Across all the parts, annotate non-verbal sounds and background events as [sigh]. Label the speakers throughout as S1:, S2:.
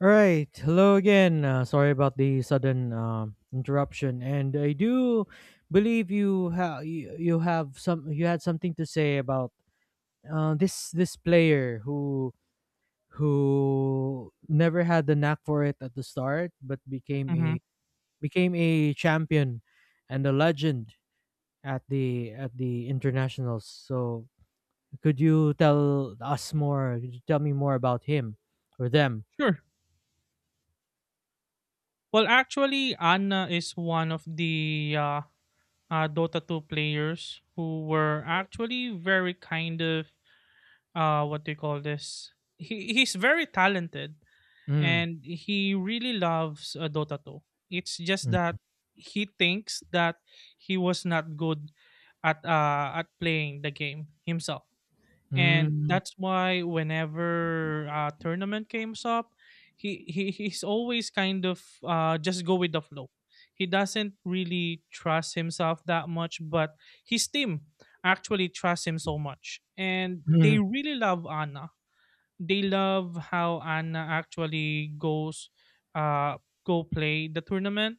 S1: All right. Hello again. Sorry about the sudden interruption, and I do believe you have you, you have some you had something to say about this player who never had the knack for it at the start, but
S2: Mhm.
S1: became a champion and a legend at the internationals. So could you tell us more? Could you tell me more about him or them?
S2: Sure. Well, actually, Anna is one of the Dota 2 players who were actually very kind of, what do you call this? He's very talented,
S1: Mm.
S2: and he really loves Dota 2. It's just that
S1: Mm.
S2: he thinks that he was not good at, playing the game himself. And
S1: Mm.
S2: that's why whenever tournament comes up, he's always kind of, just go with the flow. He doesn't really trust himself that much, but his team actually trusts him so much, and they
S1: [laughs]
S2: really love Anna. They love how Anna actually goes, uh, go play the tournament,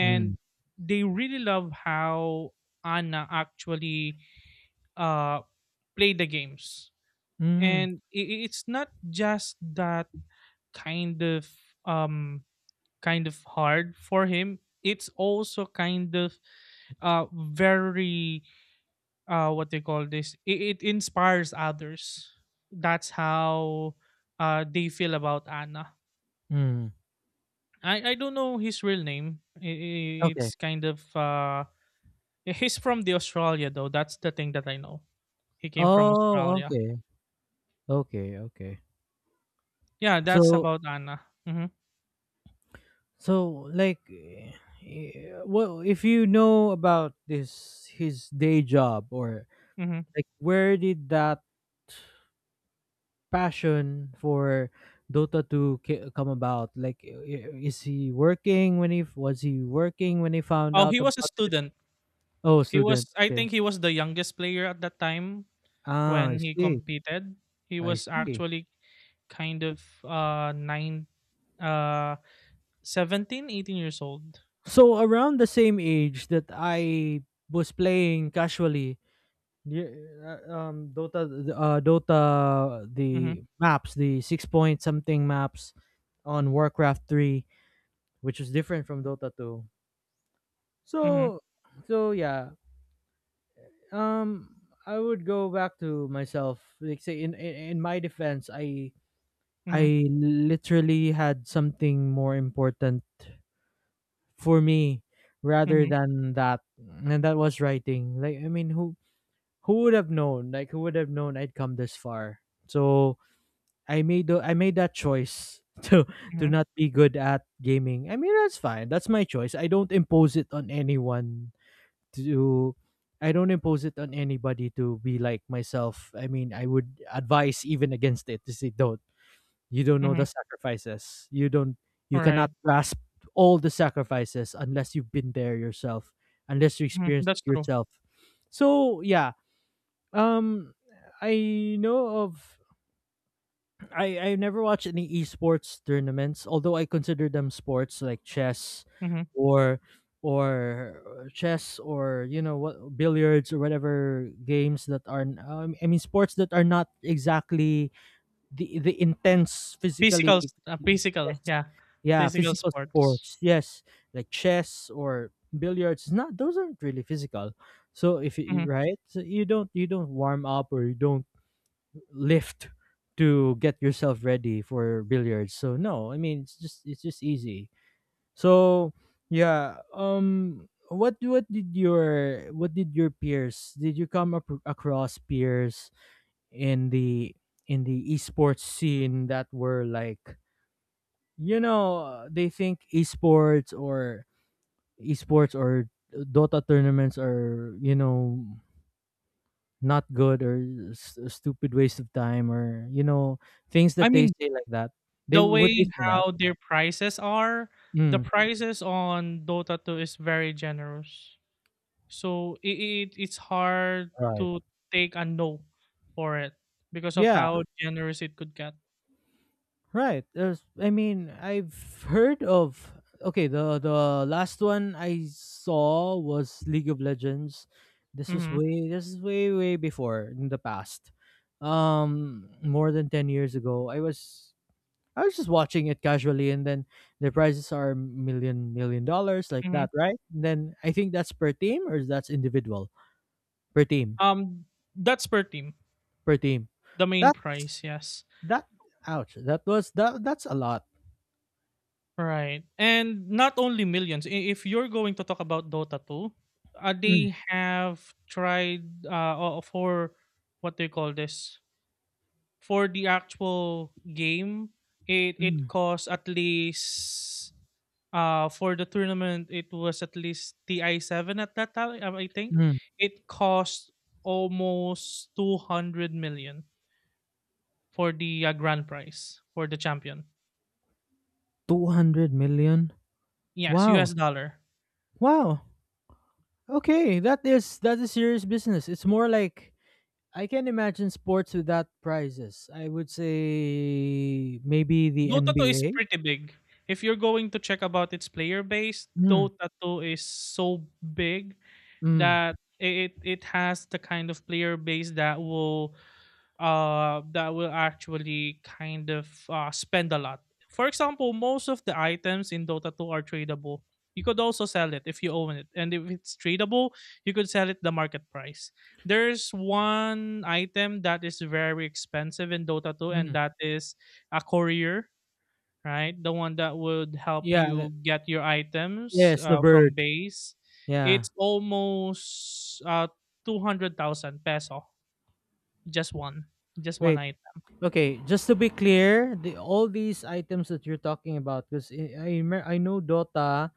S1: Mm.
S2: they really love how Anna actually uh play the games.
S1: Mm,
S2: And it's not just that kind of um kind of hard for him, it's also kind of, very, what they call this, it inspires others. That's how they feel about Anna.
S1: mm.
S2: I don't know his real name. I-
S1: Okay.
S2: it's kind of He's from the Australia, though, that's the thing that I know. He came from
S1: Oh,
S2: Australia.
S1: okay. Okay, okay.
S2: Yeah, that's
S1: So
S2: about Anna. Hmm.
S1: so, like, well, if you know about this, his day job, or
S2: Hmm.
S1: like, where did that passion for Dota 2 come about? Like, is he working when was he working when he found
S2: Oh,
S1: out
S2: he was a
S1: about it?
S2: student.
S1: Oh,
S2: He
S1: student.
S2: was, I think
S1: Okay.
S2: he was the youngest player at that time
S1: Ah,
S2: when
S1: I
S2: he
S1: see.
S2: competed. He
S1: I
S2: was
S1: see.
S2: actually kind of, 9, uh 17, 18 years old.
S1: So around the same age that I was playing casually, yeah, uh, um, Dota, Dota,
S2: Mhm.
S1: the maps, the six point something maps on Warcraft III, which is different from Dota 2.
S2: Mhm.
S1: So, so yeah, um, I would go back to myself. Like, say in my defense, I
S2: Mhm.
S1: I literally had something more important for me rather
S2: Mhm.
S1: than that, and that was writing. Like, I mean, who would have known? Like, who would have known I'd come this far? So I made that choice [laughs] to
S2: Mhm.
S1: not be good at gaming. I mean, that's fine. That's my choice. I don't impose it on anyone to I don't impose it on anybody to be like myself. I mean, I would advise even against it, to say don't. You don't know the
S2: Mhm.
S1: sacrifices. You cannot
S2: Alright.
S1: grasp all the sacrifices unless you've been there yourself, unless you
S2: Mhm.
S1: experienced it
S2: That's true.
S1: yourself. So yeah, um, I know of. I never watched any esports tournaments, although I consider them sports, like chess,
S2: Mhm.
S1: or or chess, or, you know what, billiards, or whatever games that are I mean, sports that are not exactly the intense physically.
S2: Physical s- uh,
S1: Yes,
S2: physical, yeah.
S1: yeah,
S2: Physical
S1: physical sports,
S2: sports.
S1: yes, like chess or billiards. It's not Those aren't really physical. So if you—
S2: Mhm.
S1: right, so you don't, warm up, or you don't lift to get yourself ready for billiards. So no, I mean, it's just, easy. So yeah, what, what did your peers— did you come up across peers in the esports scene that were like, you know, they think esports, or Dota tournaments are, you know, not good, or a stupid waste of time, or, you know, things
S2: I
S1: that they
S2: mean,
S1: say like that? They
S2: the
S1: would they
S2: way
S1: say that?
S2: how their prices are, the
S1: Mm,
S2: prices on Dota 2 is very generous. So it's hard
S1: right.
S2: to take a no for it because of
S1: Yeah,
S2: how generous it could get.
S1: right. There's— I mean, I've heard of— okay, the last one I saw was League of Legends. This was
S2: Mm-hmm.
S1: way— this is way way before, in the past, more than 10 years ago. I was just watching it casually, and then the prizes are million million dollars, like
S2: Mm-hmm.
S1: that, right? And then I think that's per team, or that's individual. Per team.
S2: Um, that's per team.
S1: Per team.
S2: The main
S1: That,
S2: price, yes.
S1: that— ouch. That was that that's a lot.
S2: Right. And not only millions. If you're going to talk about Dota 2,
S1: Mm,
S2: they have tried, for what they call this, for the actual game. It
S1: mm,
S2: costs at least. For the tournament, it was at least TI7 at that time, I think.
S1: mm.
S2: It cost almost 200 million for the grand prize, for the champion.
S1: 200 million.
S2: Yes, US
S1: Wow.
S2: dollar.
S1: Wow. Okay, that is, serious business. It's more like, I can imagine sports without prizes. I would say maybe the
S2: Dota 2 is
S1: NBA.
S2: pretty big. If you're going to check about its player base,
S1: Mm,
S2: Dota 2 is so big
S1: mm,
S2: that it has the kind of player base that will actually kind of, spend a lot. For example, most of the items in Dota 2 are tradable. You could also sell it if you own it. And if it's tradable, you could sell it the market price. There's one item that is very expensive in Dota 2, and
S1: mm.
S2: that is a courier, right? The one that would help
S1: Yeah,
S2: you get your items
S1: yes, the
S2: from
S1: bird.
S2: base.
S1: Yeah.
S2: It's almost 200,000 peso, just one just one
S1: Wait.
S2: item.
S1: Okay, just to be clear, the all these items that you're talking about, because I know Dota,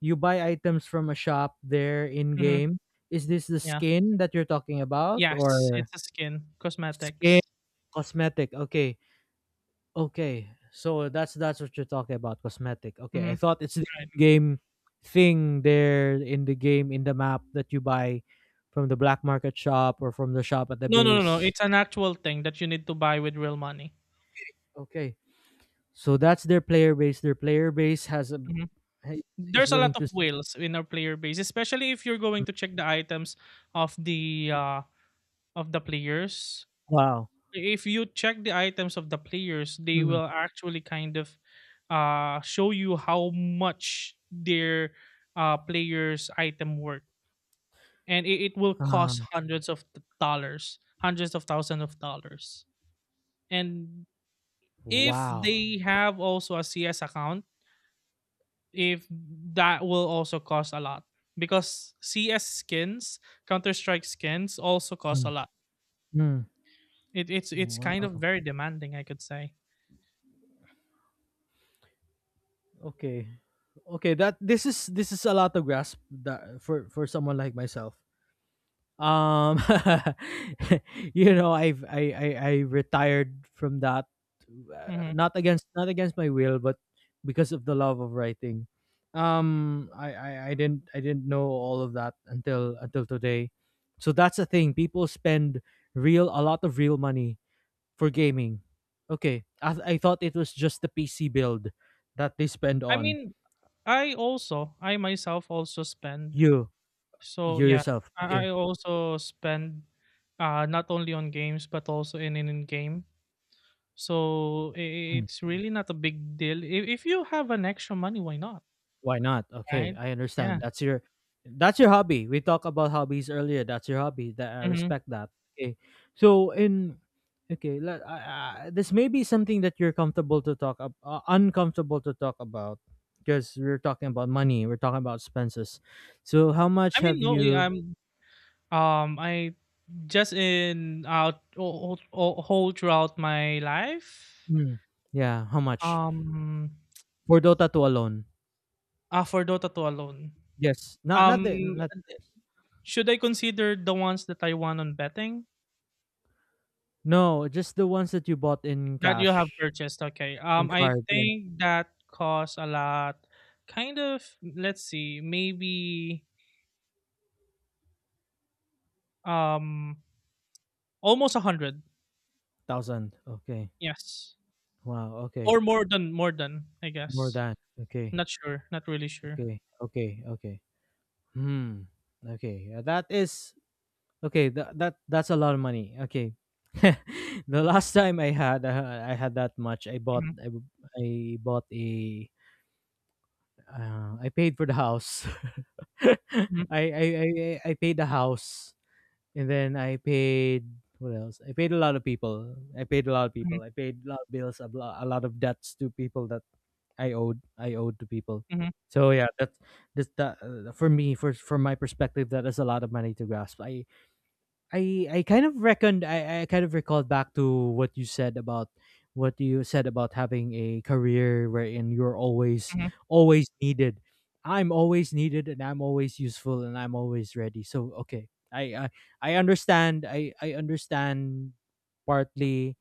S1: you buy items from a shop there in
S2: Mhm,
S1: game. Is this the
S2: yeah.
S1: skin that you're talking about,
S2: Yes,
S1: or
S2: it's a skin,
S1: skin,
S2: cosmetics.
S1: cosmetic? Okay. Okay. So that's what you're talking about, cosmetic. Okay. I
S2: Mhm,
S1: thought it's the
S2: right.
S1: in-game thing there in the game, in the map, that you buy from the black market shop or from the shop at the
S2: No, no, no, no,
S1: base.
S2: it's an actual thing that you need to buy with real money.
S1: Okay. So that's their player base. Their player base has a—
S2: Mhm.
S1: hey, is
S2: There's a
S1: willing
S2: lot
S1: to.
S2: of whales in our player base, especially if you're going to check the items of the, uh, of the players.
S1: Wow.
S2: If you check the items of the players, they
S1: Mm.
S2: will actually kind of, show you how much their, player's item worth, and it will cost
S1: Uh,
S2: hundreds of d dollars, hundreds of thousands of dollars. And if
S1: wow.
S2: they have also a CS account, if that will also cost a lot, because CS skins, counter strike skins also cost a
S1: Mm.
S2: lot.
S1: Mm.
S2: It's kind of
S1: Wow.
S2: very demanding, I could say.
S1: Okay. Okay. That This is a lot to grasp, that for someone like myself. um [laughs] you know I've I retired from that,
S2: Hmm.
S1: not against my will, but because of the love of writing. I didn't know all of that until today. So that's the thing, people spend— real, a lot of real money for gaming. Okay, I thought it was just the PC build that they spend
S2: I
S1: on.
S2: mean, I myself also spend.
S1: You—
S2: So
S1: you
S2: yeah,
S1: yourself,
S2: I
S1: okay.
S2: also spend, not only on games but also in game. So it's really not a big deal. If you have an extra money, why not?
S1: Why not? Okay,
S2: Right?
S1: I understand.
S2: Yeah.
S1: That's your, hobby. We talked about hobbies earlier. That's your hobby. That, I
S2: Hmm.
S1: respect that. Okay. So, in— okay, let— I this may be something that you're comfortable to talk, uncomfortable to talk about, because we're talking about money. We're talking about expenses. So how much
S2: I
S1: have
S2: mean, no,
S1: you—
S2: I just in out all, whole throughout my life.
S1: hmm, yeah, how much
S2: Um,
S1: for Dota 2 alone?
S2: for Dota 2 alone.
S1: Yes. Not, not
S2: Um,
S1: the not
S2: should I consider the ones that I won on betting?
S1: no, just the ones that you bought in
S2: That you have
S1: cash,
S2: purchased, okay.
S1: in
S2: I
S1: card, yeah.
S2: think that costs a lot, kind of, let's see, maybe um almost a hundred,
S1: 1,000. Okay.
S2: yes.
S1: Wow, okay.
S2: Or more than, I
S1: More
S2: guess.
S1: than. Okay.
S2: Not sure, not really sure.
S1: Okay. Okay. Okay. Hmm. Okay. That is, okay, that's a lot of money. Okay. [laughs] The last time I had that much. I bought
S2: Mhm,
S1: I, b- I bought a I paid for the house.
S2: mhm,
S1: [laughs] I paid the house. And then I paid— what else? I paid a lot of people. I paid a lot of
S2: mhm,
S1: people. I paid a lot of bills, a lot of debts to people that I owed. I owed to people.
S2: mhm,
S1: So yeah, that's, that, for me, for my perspective. That is a lot of money to grasp. I kind of reckoned, I kind of recalled back to what you said about what you said about having a career wherein you're always,
S2: mhm,
S1: needed. I'm always needed, and I'm always useful, and I'm always ready. So okay. I understand. I understand partly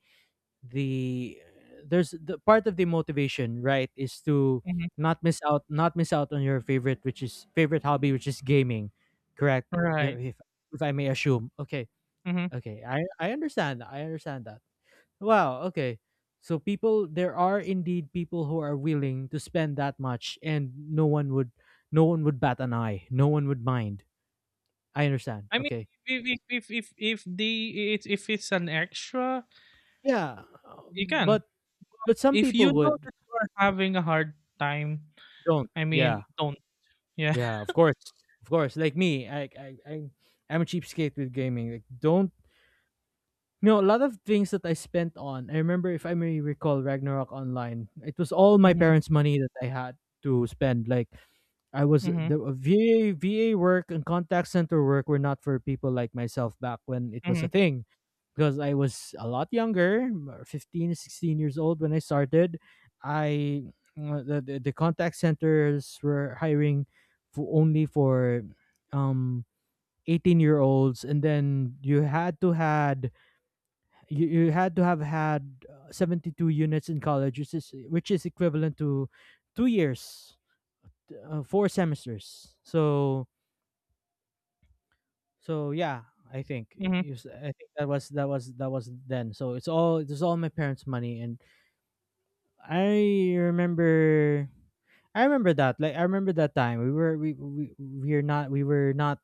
S1: the there's the part of the motivation, right, is to
S2: mhm.
S1: not miss out, on your favorite— which is favorite hobby, which is gaming, correct? Yeah.
S2: Right.
S1: If I may assume. Okay.
S2: Mhm.
S1: Okay, I understand. I understand that. Wow, okay. So, people— there are indeed people who are willing to spend that much, and no one would, bat an eye. No one would mind. I understand.
S2: I mean,
S1: Okay.
S2: if it's an extra,
S1: Yeah.
S2: you can.
S1: But, some
S2: If
S1: people
S2: you know
S1: would—
S2: that you are having a hard time,
S1: don't.
S2: I mean,
S1: Yeah.
S2: don't. Yeah.
S1: Yeah,
S2: [laughs]
S1: of course. Of course. Like me, I'm a cheapskate with gaming. Like, don't— you know, a lot of things that I spent on. I remember, if I may recall, Ragnarok Online, it was all my
S2: Mhm,
S1: parents' money that I had to spend, like. I was
S2: mhm,
S1: the VA VA work and contact center work were not for people like myself back when it was a
S2: mhm,
S1: thing, because I was a lot younger, 15, 16 years old when I started. I the contact centers were hiring for only, for um 18-year olds, and then you had to had— you had to have had 72 units in college, which is equivalent to 2 years, 4 semesters. So, yeah, I think
S2: mhm.
S1: you I think that was then. It was all my parents' money. And I remember I remember that, like, I remember that time, we were not—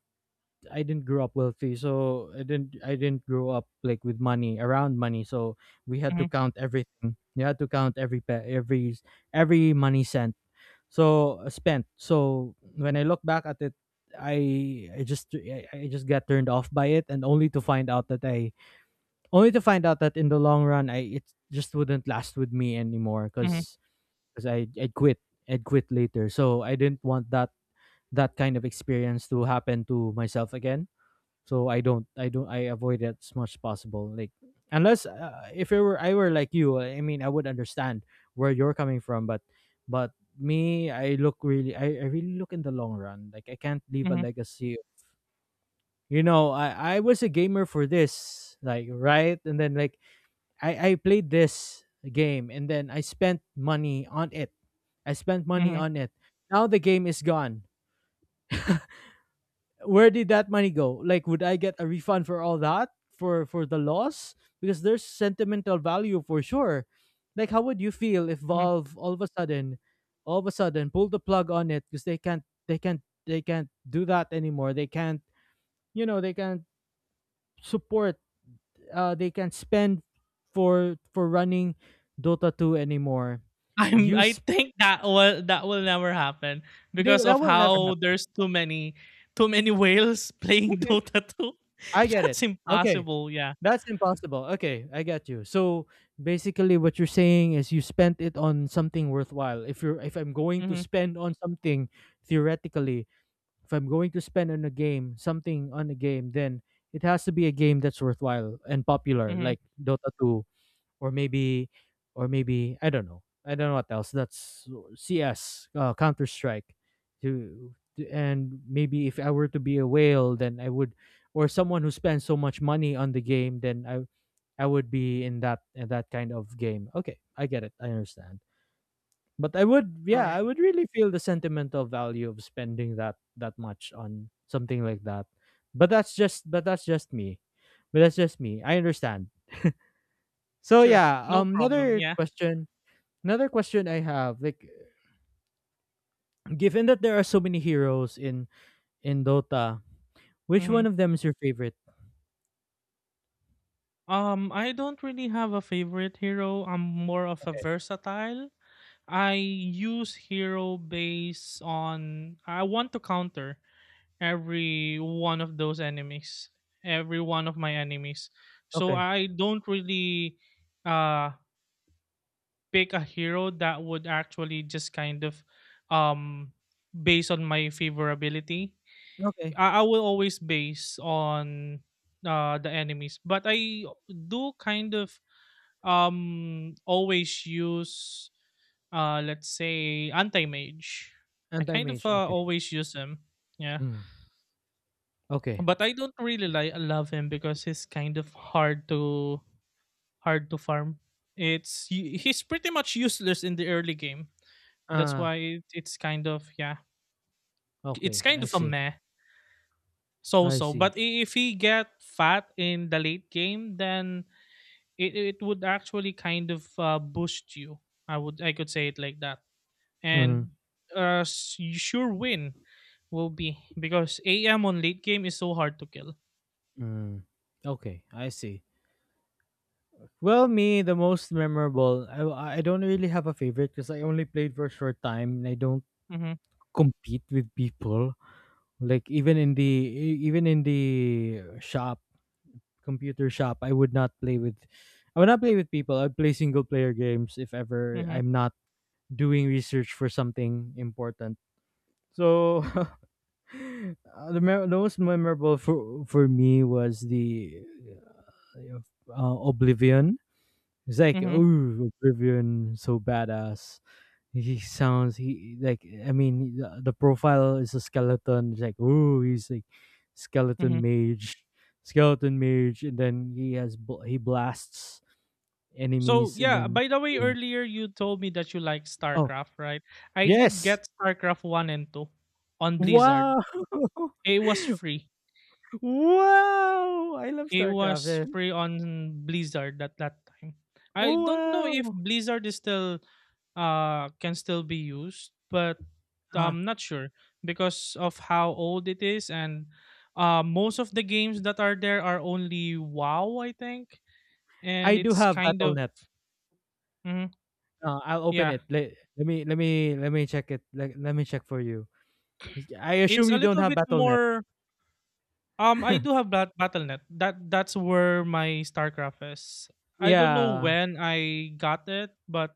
S1: I didn't grow up wealthy, so I didn't grow up like with money, around money. So we had to
S2: Mhm,
S1: count everything. You had to count every pe- every money cent, so, spent. So when I look back at it, I just got turned off by it, and only to find out that in the long run, I it just wouldn't last with me anymore,
S2: mhm,
S1: because I'd quit, I'd quit later. So I didn't want that that kind of experience to happen to myself again, so I don't I don't I avoid it as much as possible, like, unless, if it were I were like you, I mean, I would understand where you're coming from, but, but me, I really look in the long run. Like, I can't leave a
S2: mhm,
S1: legacy, you know, I was a gamer for this, like, right, and then, like, I played this game, and then I spent money on it. I spent money
S2: mhm,
S1: on it. Now the game is gone. Where did that money go? Like, would I get a refund for all that, for the loss? Because there's sentimental value, for sure. Like, how would you feel if
S2: mhm. [laughs]
S1: Valve all of a sudden, all of a sudden pulled the plug on it because they can't do that anymore. They can't they can't support they can't spend for running Dota 2 anymore. You
S2: I
S1: sp-
S2: think that will never happen because
S1: that
S2: of
S1: will never
S2: how
S1: happen.
S2: there's too many whales playing [laughs]
S1: Okay,
S2: Dota 2.
S1: I
S2: [laughs]
S1: get it.
S2: That's
S1: Okay,
S2: impossible, yeah.
S1: that's impossible. Okay, I get you. So basically what you're saying is you spent it on something worthwhile. If I'm going to
S2: Mhm,
S1: spend on something theoretically, if I'm going to spend on a game, something on a game, then it has to be a game that's worthwhile and popular,
S2: mhm.
S1: like Dota 2, or maybe or maybe I don't know. I don't know what else. That's CS, Counter-Strike. To and maybe if I were to be a whale, then I would, or someone who spends so much money on the game, then I would be in that kind of game. Okay, I get it. I understand. But I would, yeah,
S2: Right.
S1: I would really feel the sentimental value of spending that much on something like that. But that's just me. But that's just me. I understand. So
S2: Sure.
S1: yeah,
S2: No problem,
S1: another
S2: yeah.
S1: question, another question I have, like, given that there are so many heroes in Dota, which one
S2: Mhm.
S1: of them is your favorite?
S2: I don't really have a favorite hero. I'm more of a versatile. I use hero based on I want to counter every one of those enemies, every one of my enemies. So
S1: Okay.
S2: I don't really uh pick a hero that would actually just kind of, um based on my favorability.
S1: Okay.
S2: I will always base on the enemies, but I do kind of, always use, let's say anti mage. I kind of
S1: Anti-mage. Okay.
S2: always use him. Yeah.
S1: Mm. Okay.
S2: But I don't really like love him because he's kind of hard to farm. It's he's pretty much useless in the early game. That's
S1: Ah,
S2: why it's kind of, yeah, it's
S1: okay.
S2: kind
S1: I
S2: of a
S1: see.
S2: meh, so
S1: I
S2: so.
S1: see.
S2: But if he get fat in the late game, then it would actually kind of, boost you. I could say it like that.
S1: Mhm.
S2: And you sure win will be because AM on late game is so hard to kill.
S1: Mm. Okay, I see. Well, me, the most memorable, I don't really have a favorite because I only played for a short time and I don't
S2: Mm-hmm,
S1: compete with people. Like, even in the shop, computer shop, I would not play with, I would not play with people. I would play single player games if ever
S2: mm-hmm,
S1: I'm not doing research for something important. So [laughs] the most memorable for me was the Oblivion. It's like,
S2: mm-hmm,
S1: oh, Oblivion, so badass. He sounds he like I mean, the profile is a skeleton. It's like, oh, he's like
S2: mm-hmm.
S1: skeleton mage, skeleton mage, and then he blasts
S2: So
S1: enemies, and
S2: yeah,
S1: then
S2: by the way,
S1: yeah.
S2: earlier you told me that you like
S1: Oh,
S2: StarCraft, right? I did
S1: yes.
S2: get StarCraft one and two on
S1: Wow.
S2: Blizzard.
S1: [laughs]
S2: It was free.
S1: Wow, I love
S2: It
S1: StarCraft.
S2: was
S1: Yeah.
S2: free on Blizzard at that time. I don't know if
S1: Wow.
S2: Blizzard is still, can still be used, but
S1: uh,
S2: I'm not sure because of how old it is, and most of the games that are there are only WoW, I think,
S1: I
S2: and
S1: do
S2: it's
S1: have
S2: kind of.
S1: BattleNet.
S2: Mhm,
S1: I'll open
S2: yeah,
S1: it. Let me check it. Let me check for you. I
S2: it's
S1: assume
S2: a
S1: you don't
S2: little
S1: have
S2: bit
S1: Battle.net.
S2: more. I do have Battle.net. That's where my StarCraft is. I don't know
S1: Yeah,
S2: when I got it, but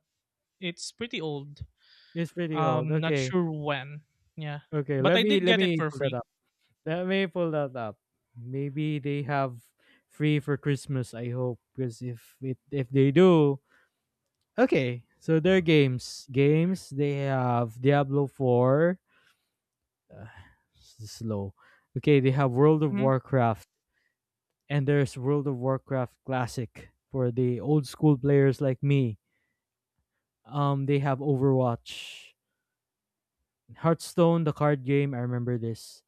S2: it's pretty old.
S1: it's pretty old.
S2: Not
S1: Okay,
S2: sure when. Yeah,
S1: okay.
S2: but
S1: Let
S2: I
S1: me
S2: did
S1: let
S2: get it
S1: me
S2: for
S1: pull that
S2: free.
S1: up. Let me pull that up. Maybe they have free for Christmas. I hope, because if it, if they do, okay. So their games, games they have Diablo Four. Uh, this is slow. Okay, they have World of
S2: Hmm.
S1: Warcraft, and there's World of Warcraft Classic for the old school players like me. They have Overwatch, Hearthstone, the card game, I remember this,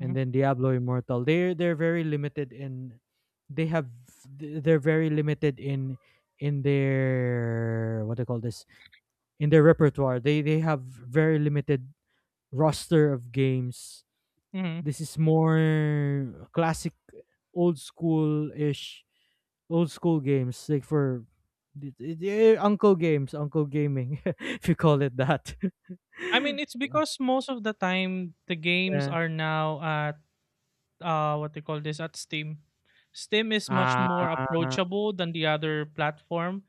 S1: and then Diablo Immortal. They have they're very limited in their, what do you call this, in their repertoire. They have very limited roster of games.
S2: Hmm.
S1: This is more classic, old school ish, old school games like for the uncle games, uncle gaming, [laughs] if you call it that.
S2: I mean, it's
S1: [laughs]
S2: because most of the time the games
S1: Yeah.
S2: are now at, what they call this, at Steam. Steam is much
S1: Ah,
S2: more approachable than the other platform.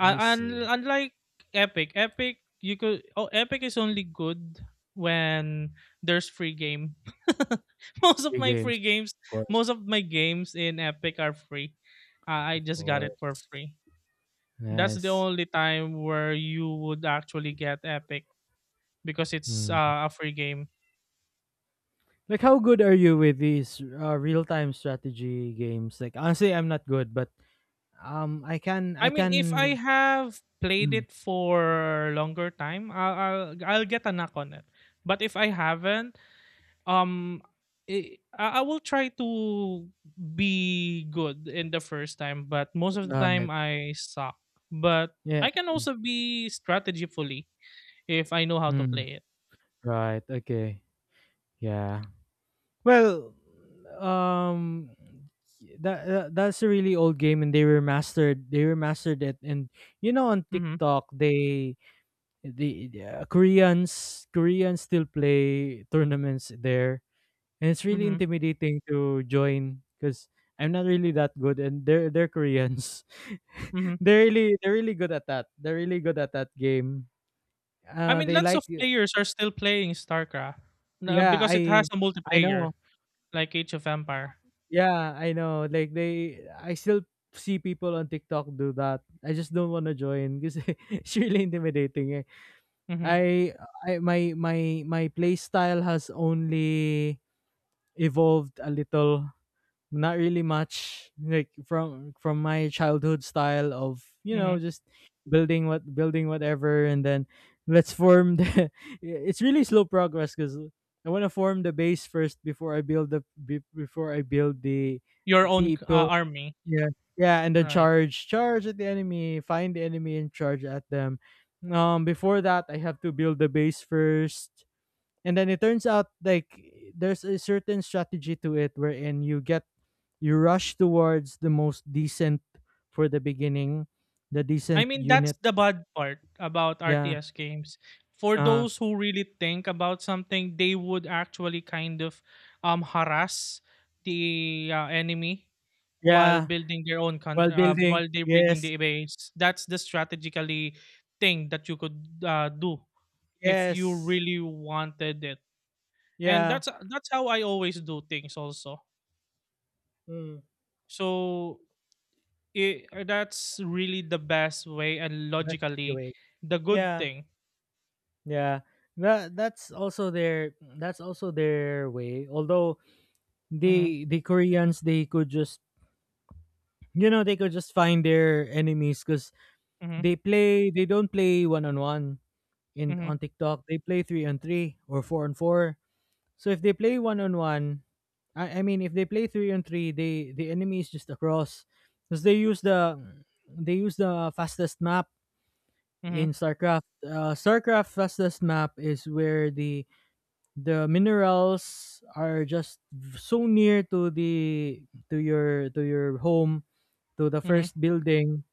S1: I
S2: un-
S1: see.
S2: unlike Epic, Epic you could, oh, Epic is only good when there's free game. [laughs] Most of
S1: Free
S2: my free
S1: games,
S2: games,
S1: of course,
S2: most of my games in Epic are free. I
S1: of
S2: just got
S1: course.
S2: it for free. That's the
S1: Nice.
S2: only time where you would actually get Epic because it's,
S1: Mm.
S2: a free game.
S1: Like, how good are you with these real-time strategy games? Like, honestly, I'm not good, but
S2: I
S1: I
S2: mean, if I
S1: can.
S2: have played
S1: Mm.
S2: it for longer time, I'll get a knock on it. But if I haven't, um I will try to be good in the first time, but most of the time
S1: Right.
S2: I suck, but
S1: Yeah.
S2: I can also be strategically if I know how to
S1: Mm.
S2: play it.
S1: Right. Okay. Yeah. Well, um, that that's a really old game, and they remastered. They remastered it, and you know, on
S2: Mm-hmm,
S1: TikTok, they Koreans, Koreans still play tournaments there, and it's really
S2: mm-hmm,
S1: intimidating to join because I'm not really that good, and they're Koreans.
S2: mm-hmm.
S1: [laughs] They're really good at that. They're really good at that game.
S2: I mean,
S1: They
S2: lots of
S1: like,
S2: players are still playing StarCraft,
S1: yeah.
S2: because it has
S1: I
S2: a
S1: I
S2: multiplayer,
S1: know.
S2: like Age of Empire.
S1: Yeah, I know. Like, they, I still see people on TikTok do that. I just don't want to join because [laughs] it's really intimidating. Eh.
S2: Mm-hmm,
S1: I, I My play style has only evolved a little, not really much, like from my childhood style of, you
S2: mm-hmm.
S1: know, just building what, building whatever, and then let's form the [laughs] it's really slow progress because I want to form the base first before I build the be- before I build the
S2: Your own
S1: people.
S2: army.
S1: Yeah. Yeah, and then
S2: Right.
S1: charge, charge at the enemy, find the enemy and charge at them. Um, before that, I have to build the base first, and then it turns out, like, there's a certain strategy to it wherein you rush towards the most decent for the beginning, the
S2: I
S1: decent
S2: mean, that's
S1: unit.
S2: the bad part about
S1: Yeah.
S2: RTS games. For
S1: Uh,
S2: those who really think about something, they would actually kind of, harass the enemy while
S1: yeah.
S2: building their own
S1: While building,
S2: while they're building
S1: yes.
S2: the base. That's the strategically thing that you could do if you
S1: Yes.
S2: really wanted it. And
S1: Yeah.
S2: that's how I always do things also.
S1: Mm,
S2: So that's really the best way, and
S1: best
S2: logically
S1: way,
S2: the good
S1: yeah.
S2: thing.
S1: Yeah, that that's also their, that's also their way, although
S2: Mm-hmm.
S1: the Koreans, they could just, you know, they could just find their enemies because
S2: Mhm,
S1: they play, they don't play one on one in
S2: mhm,
S1: on TikTok, they play three on three or four on four. So if they play one on one, I mean if they play three on three, they, the enemy is just across because they use the fastest map
S2: mhm,
S1: in StarCraft. StarCraft fastest map is where the minerals are just so near to the, to your, to your home, to the
S2: mhm,
S1: first building,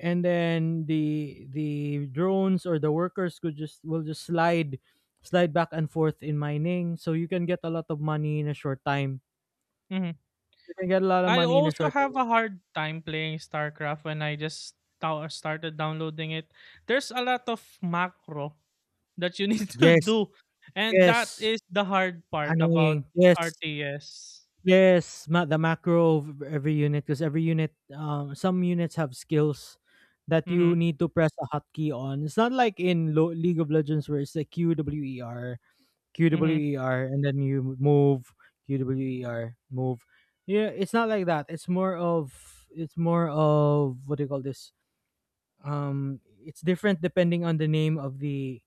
S1: and then the drones or the workers could just, will just slide, slide back and forth in mining, so you can get a lot of money in a short time,
S2: mhm.
S1: you can get a lot of
S2: I
S1: money in a
S2: also
S1: short time.
S2: have a hard time playing StarCraft when I just started downloading it. There's a lot of macro that you need [laughs] to
S1: Yes.
S2: do, and that
S1: Yes,
S2: is the hard part about
S1: annoying, yes.
S2: RTS.
S1: Yes, the macro of every unit, because every unit, um, some units have skills that you
S2: Mhm,
S1: need to press a hotkey on. It's not like in League of Legends where it's like q w e r, Q W
S2: mhm,
S1: E R and then you move QWER, move. Yeah, it's not like that. It's more of, it's more of, what do you call this? It's different depending on the name of the,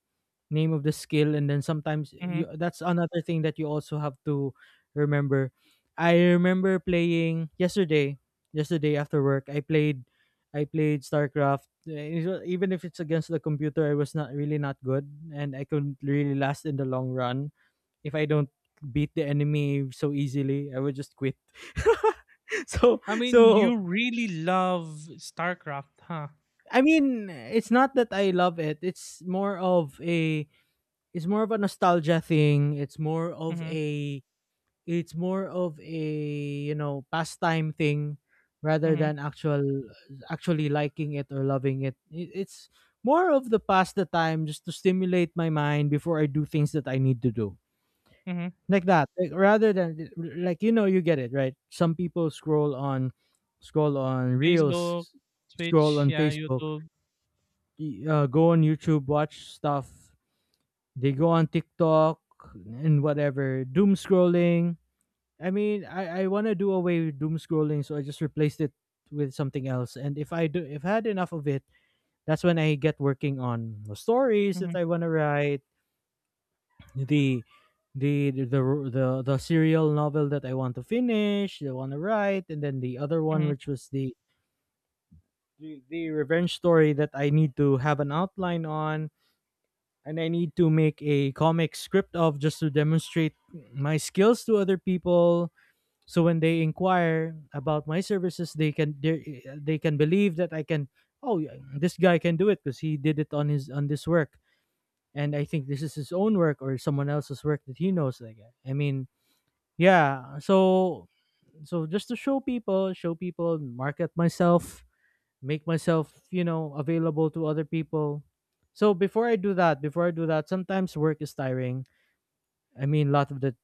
S1: name of the skill, and then sometimes
S2: mhm.
S1: you, that's another thing that you also have to remember. I remember playing yesterday. Yesterday after work, I played. I played StarCraft. Even if it's against the computer, I was not really not good, and I couldn't really last in the long run. If I don't beat the enemy so easily, I would just quit. [laughs] So,
S2: I mean,
S1: so
S2: you really love StarCraft, huh?
S1: I mean, it's not that I love it. It's more of a, it's more of a nostalgia thing. It's more of
S2: Mhm,
S1: a, it's more of a, you know, pastime thing rather
S2: mhm,
S1: than actual, actually liking it or loving it. It- It's more of the past the time just to stimulate my mind before I do things that I need to do.
S2: mhm.
S1: Like that, like, rather than, like, you know, you get it, right? Some people scroll on, scroll on
S2: Facebook,
S1: reels, scroll
S2: Twitch,
S1: on
S2: yeah,
S1: Facebook,
S2: YouTube.
S1: go on YouTube, watch stuff, they go on TikTok and whatever, doom scrolling. I mean, I want to do away with doom scrolling, so I just replaced it with something else, and if I do, if I had enough of it, that's when I get working on the stories that
S2: Mhm,
S1: I want to write, the the the serial novel that I want to finish, I want to write, and then the other one,
S2: mhm,
S1: which was the revenge story that I need to have an outline on, and I need to make a comic script of just to demonstrate my skills to other people. So when they inquire about my services, they can believe that I can. Oh, yeah, this guy can do it because he did it on his, on this work, and I think this is his own work or someone else's work that he knows. Like, I mean, yeah. So, so just to show people, market myself, make myself, you know, available to other people. So before I do that, before I do that, sometimes work is tiring. I mean, a lot of the,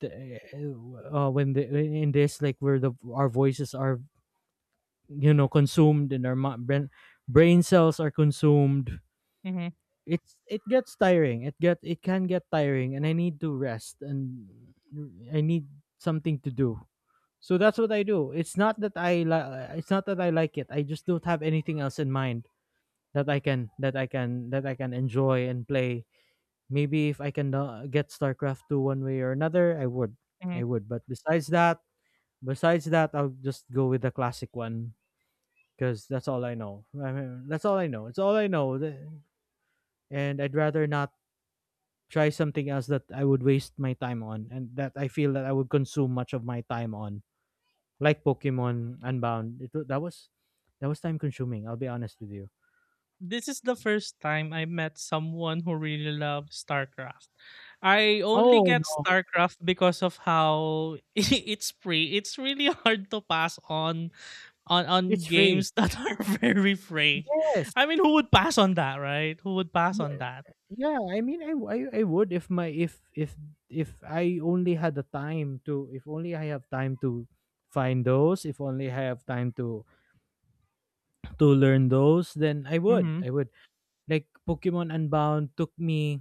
S1: when the, in this, like, where the our voices are, you know, consumed and our brain, brain cells are consumed.
S2: mhm,
S1: It gets tiring. It can get tiring, and I need to rest, and I need something to do. So that's what I do. It's not that I like it. I just don't have anything else in mind that I can, that I can, that I can enjoy and play. Maybe if I can get StarCraft 2 one way or another, I would.
S2: mhm.
S1: I would. But besides that, I'll just go with the classic one because that's all I know. I mean, that's all I know. It's all I know. And I'd rather not try something else that I would waste my time on and that I feel that I would consume much of my time on. Like Pokemon Unbound. That was, that was time consuming. I'll be honest with you.
S2: This is the first time I met someone who really loves StarCraft. I only
S1: Oh
S2: get
S1: no,
S2: StarCraft because of how [laughs] it's free. It's really hard to pass on on
S1: it's free.
S2: games that [laughs] are very free.
S1: Yes.
S2: I mean, who would pass on that, right? Who would pass on that?
S1: Yeah, I mean, I would if my, if I only had the time to, if only I have time to find those, if only I have time to learn those, then I would.
S2: Mhm.
S1: I would. Like Pokemon Unbound took me,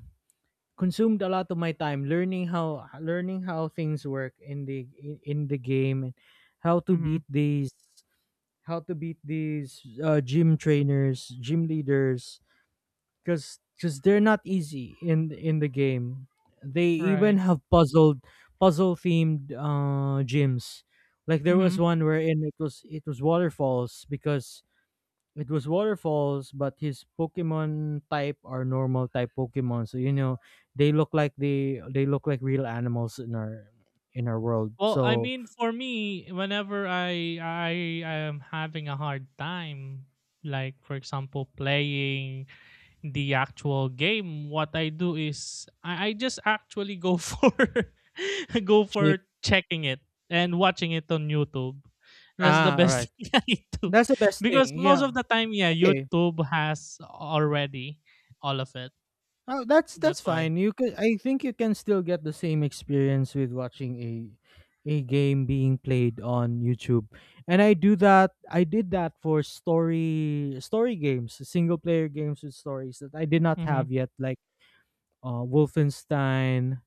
S1: consumed a lot of my time learning how, learning how things work in the, in the game, and how to
S2: Mhm.
S1: beat these, how to beat these gym trainers, gym leaders, because they're not easy in the game. They even
S2: Right.
S1: have puzzle themed gyms. Like, there was
S2: Mhm.
S1: one wherein it was, it was waterfalls, because it was waterfalls, but his Pokemon type are normal type Pokemon. So, you know, they look like, they look like real animals in our, in our world.
S2: Well, I
S1: So,
S2: mean, for me, whenever I am having a hard time, like for example, playing the actual game, what I do is I just actually go [laughs] for [laughs] go
S1: cheap.
S2: for checking it and watching it on YouTube. That's the
S1: Ah, all
S2: best
S1: right.
S2: [laughs] thing I do
S1: That's the best
S2: because
S1: thing.
S2: most
S1: Yeah.
S2: of the time, yeah,
S1: Okay.
S2: YouTube has already all of it.
S1: Oh, that's
S2: That's why.
S1: fine. You could, I think you can still get the same experience with watching a game being played on YouTube. And I do that, I did that for story, story games, single player games with stories that I did not
S2: Mm-hmm.
S1: have yet, like Wolfenstein.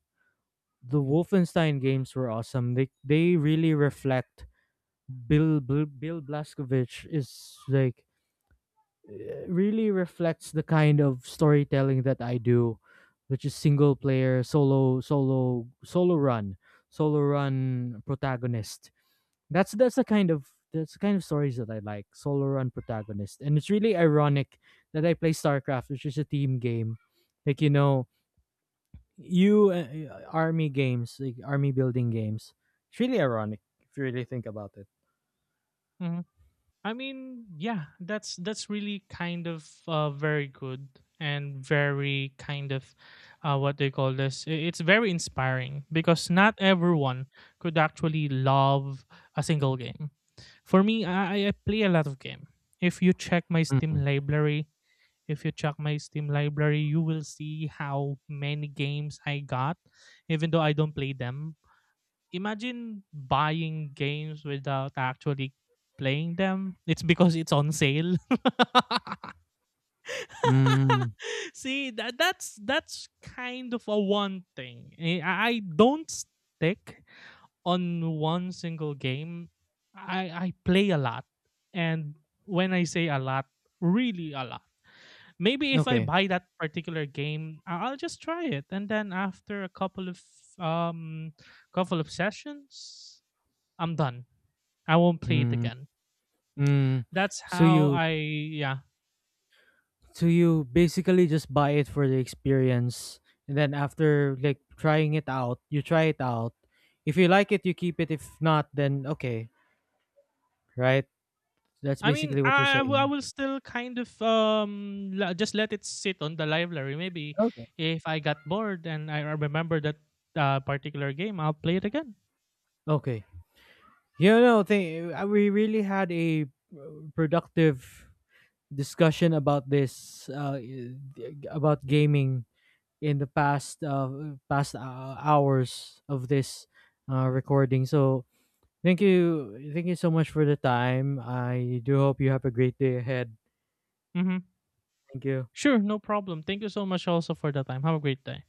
S1: The Wolfenstein games were awesome. They really reflect, Bill Blazkowicz is like really reflects the kind of storytelling that I do, which is single player, solo, solo, solo run protagonist. That's the kind of, that's the kind of stories that I like, solo run protagonist. And it's really ironic that I play StarCraft, which is a team game. Like, you know, you army games, like army building games. It's really ironic if you really think about it.
S2: Mm-hmm. I mean, yeah, that's really kind of, very good and very kind of, what they call this. It's very inspiring because not everyone could actually love a single game. For me, I play a lot of game. If you check my Steam
S1: Mm.
S2: library, If you check my Steam library, you will see how many games I got, even though I don't play them. Imagine buying games without actually playing them. It's because it's on sale. [laughs]
S1: Mm.
S2: See, that's kind of a one thing. I don't stick on one single game. I play a lot, and when I say a lot, really a lot. Maybe if I
S1: Okay.
S2: buy that particular game, I'll just try it, and then after a um couple of sessions I'm done. I won't play it
S1: Mm.
S2: again.
S1: Mm.
S2: That's
S1: So
S2: how
S1: you,
S2: I, yeah.
S1: so you basically just buy it for the experience, and then after like trying it out, you try it out. If you like it, you keep it. If not, then okay, right? That's
S2: I mean,
S1: basically what you're
S2: I
S1: saying.
S2: will still kind of, just let it sit on the library. Maybe
S1: Okay.
S2: if I got bored and I remember that particular game, I'll play it again.
S1: Okay. You know, we really had a productive discussion about this about gaming in the past past hours of this recording. So, thank you. Thank you so much for the time. I do hope you have a great day ahead.
S2: Mhm.
S1: Thank you.
S2: Sure, no problem. Thank you so much also for the time. Have a great day.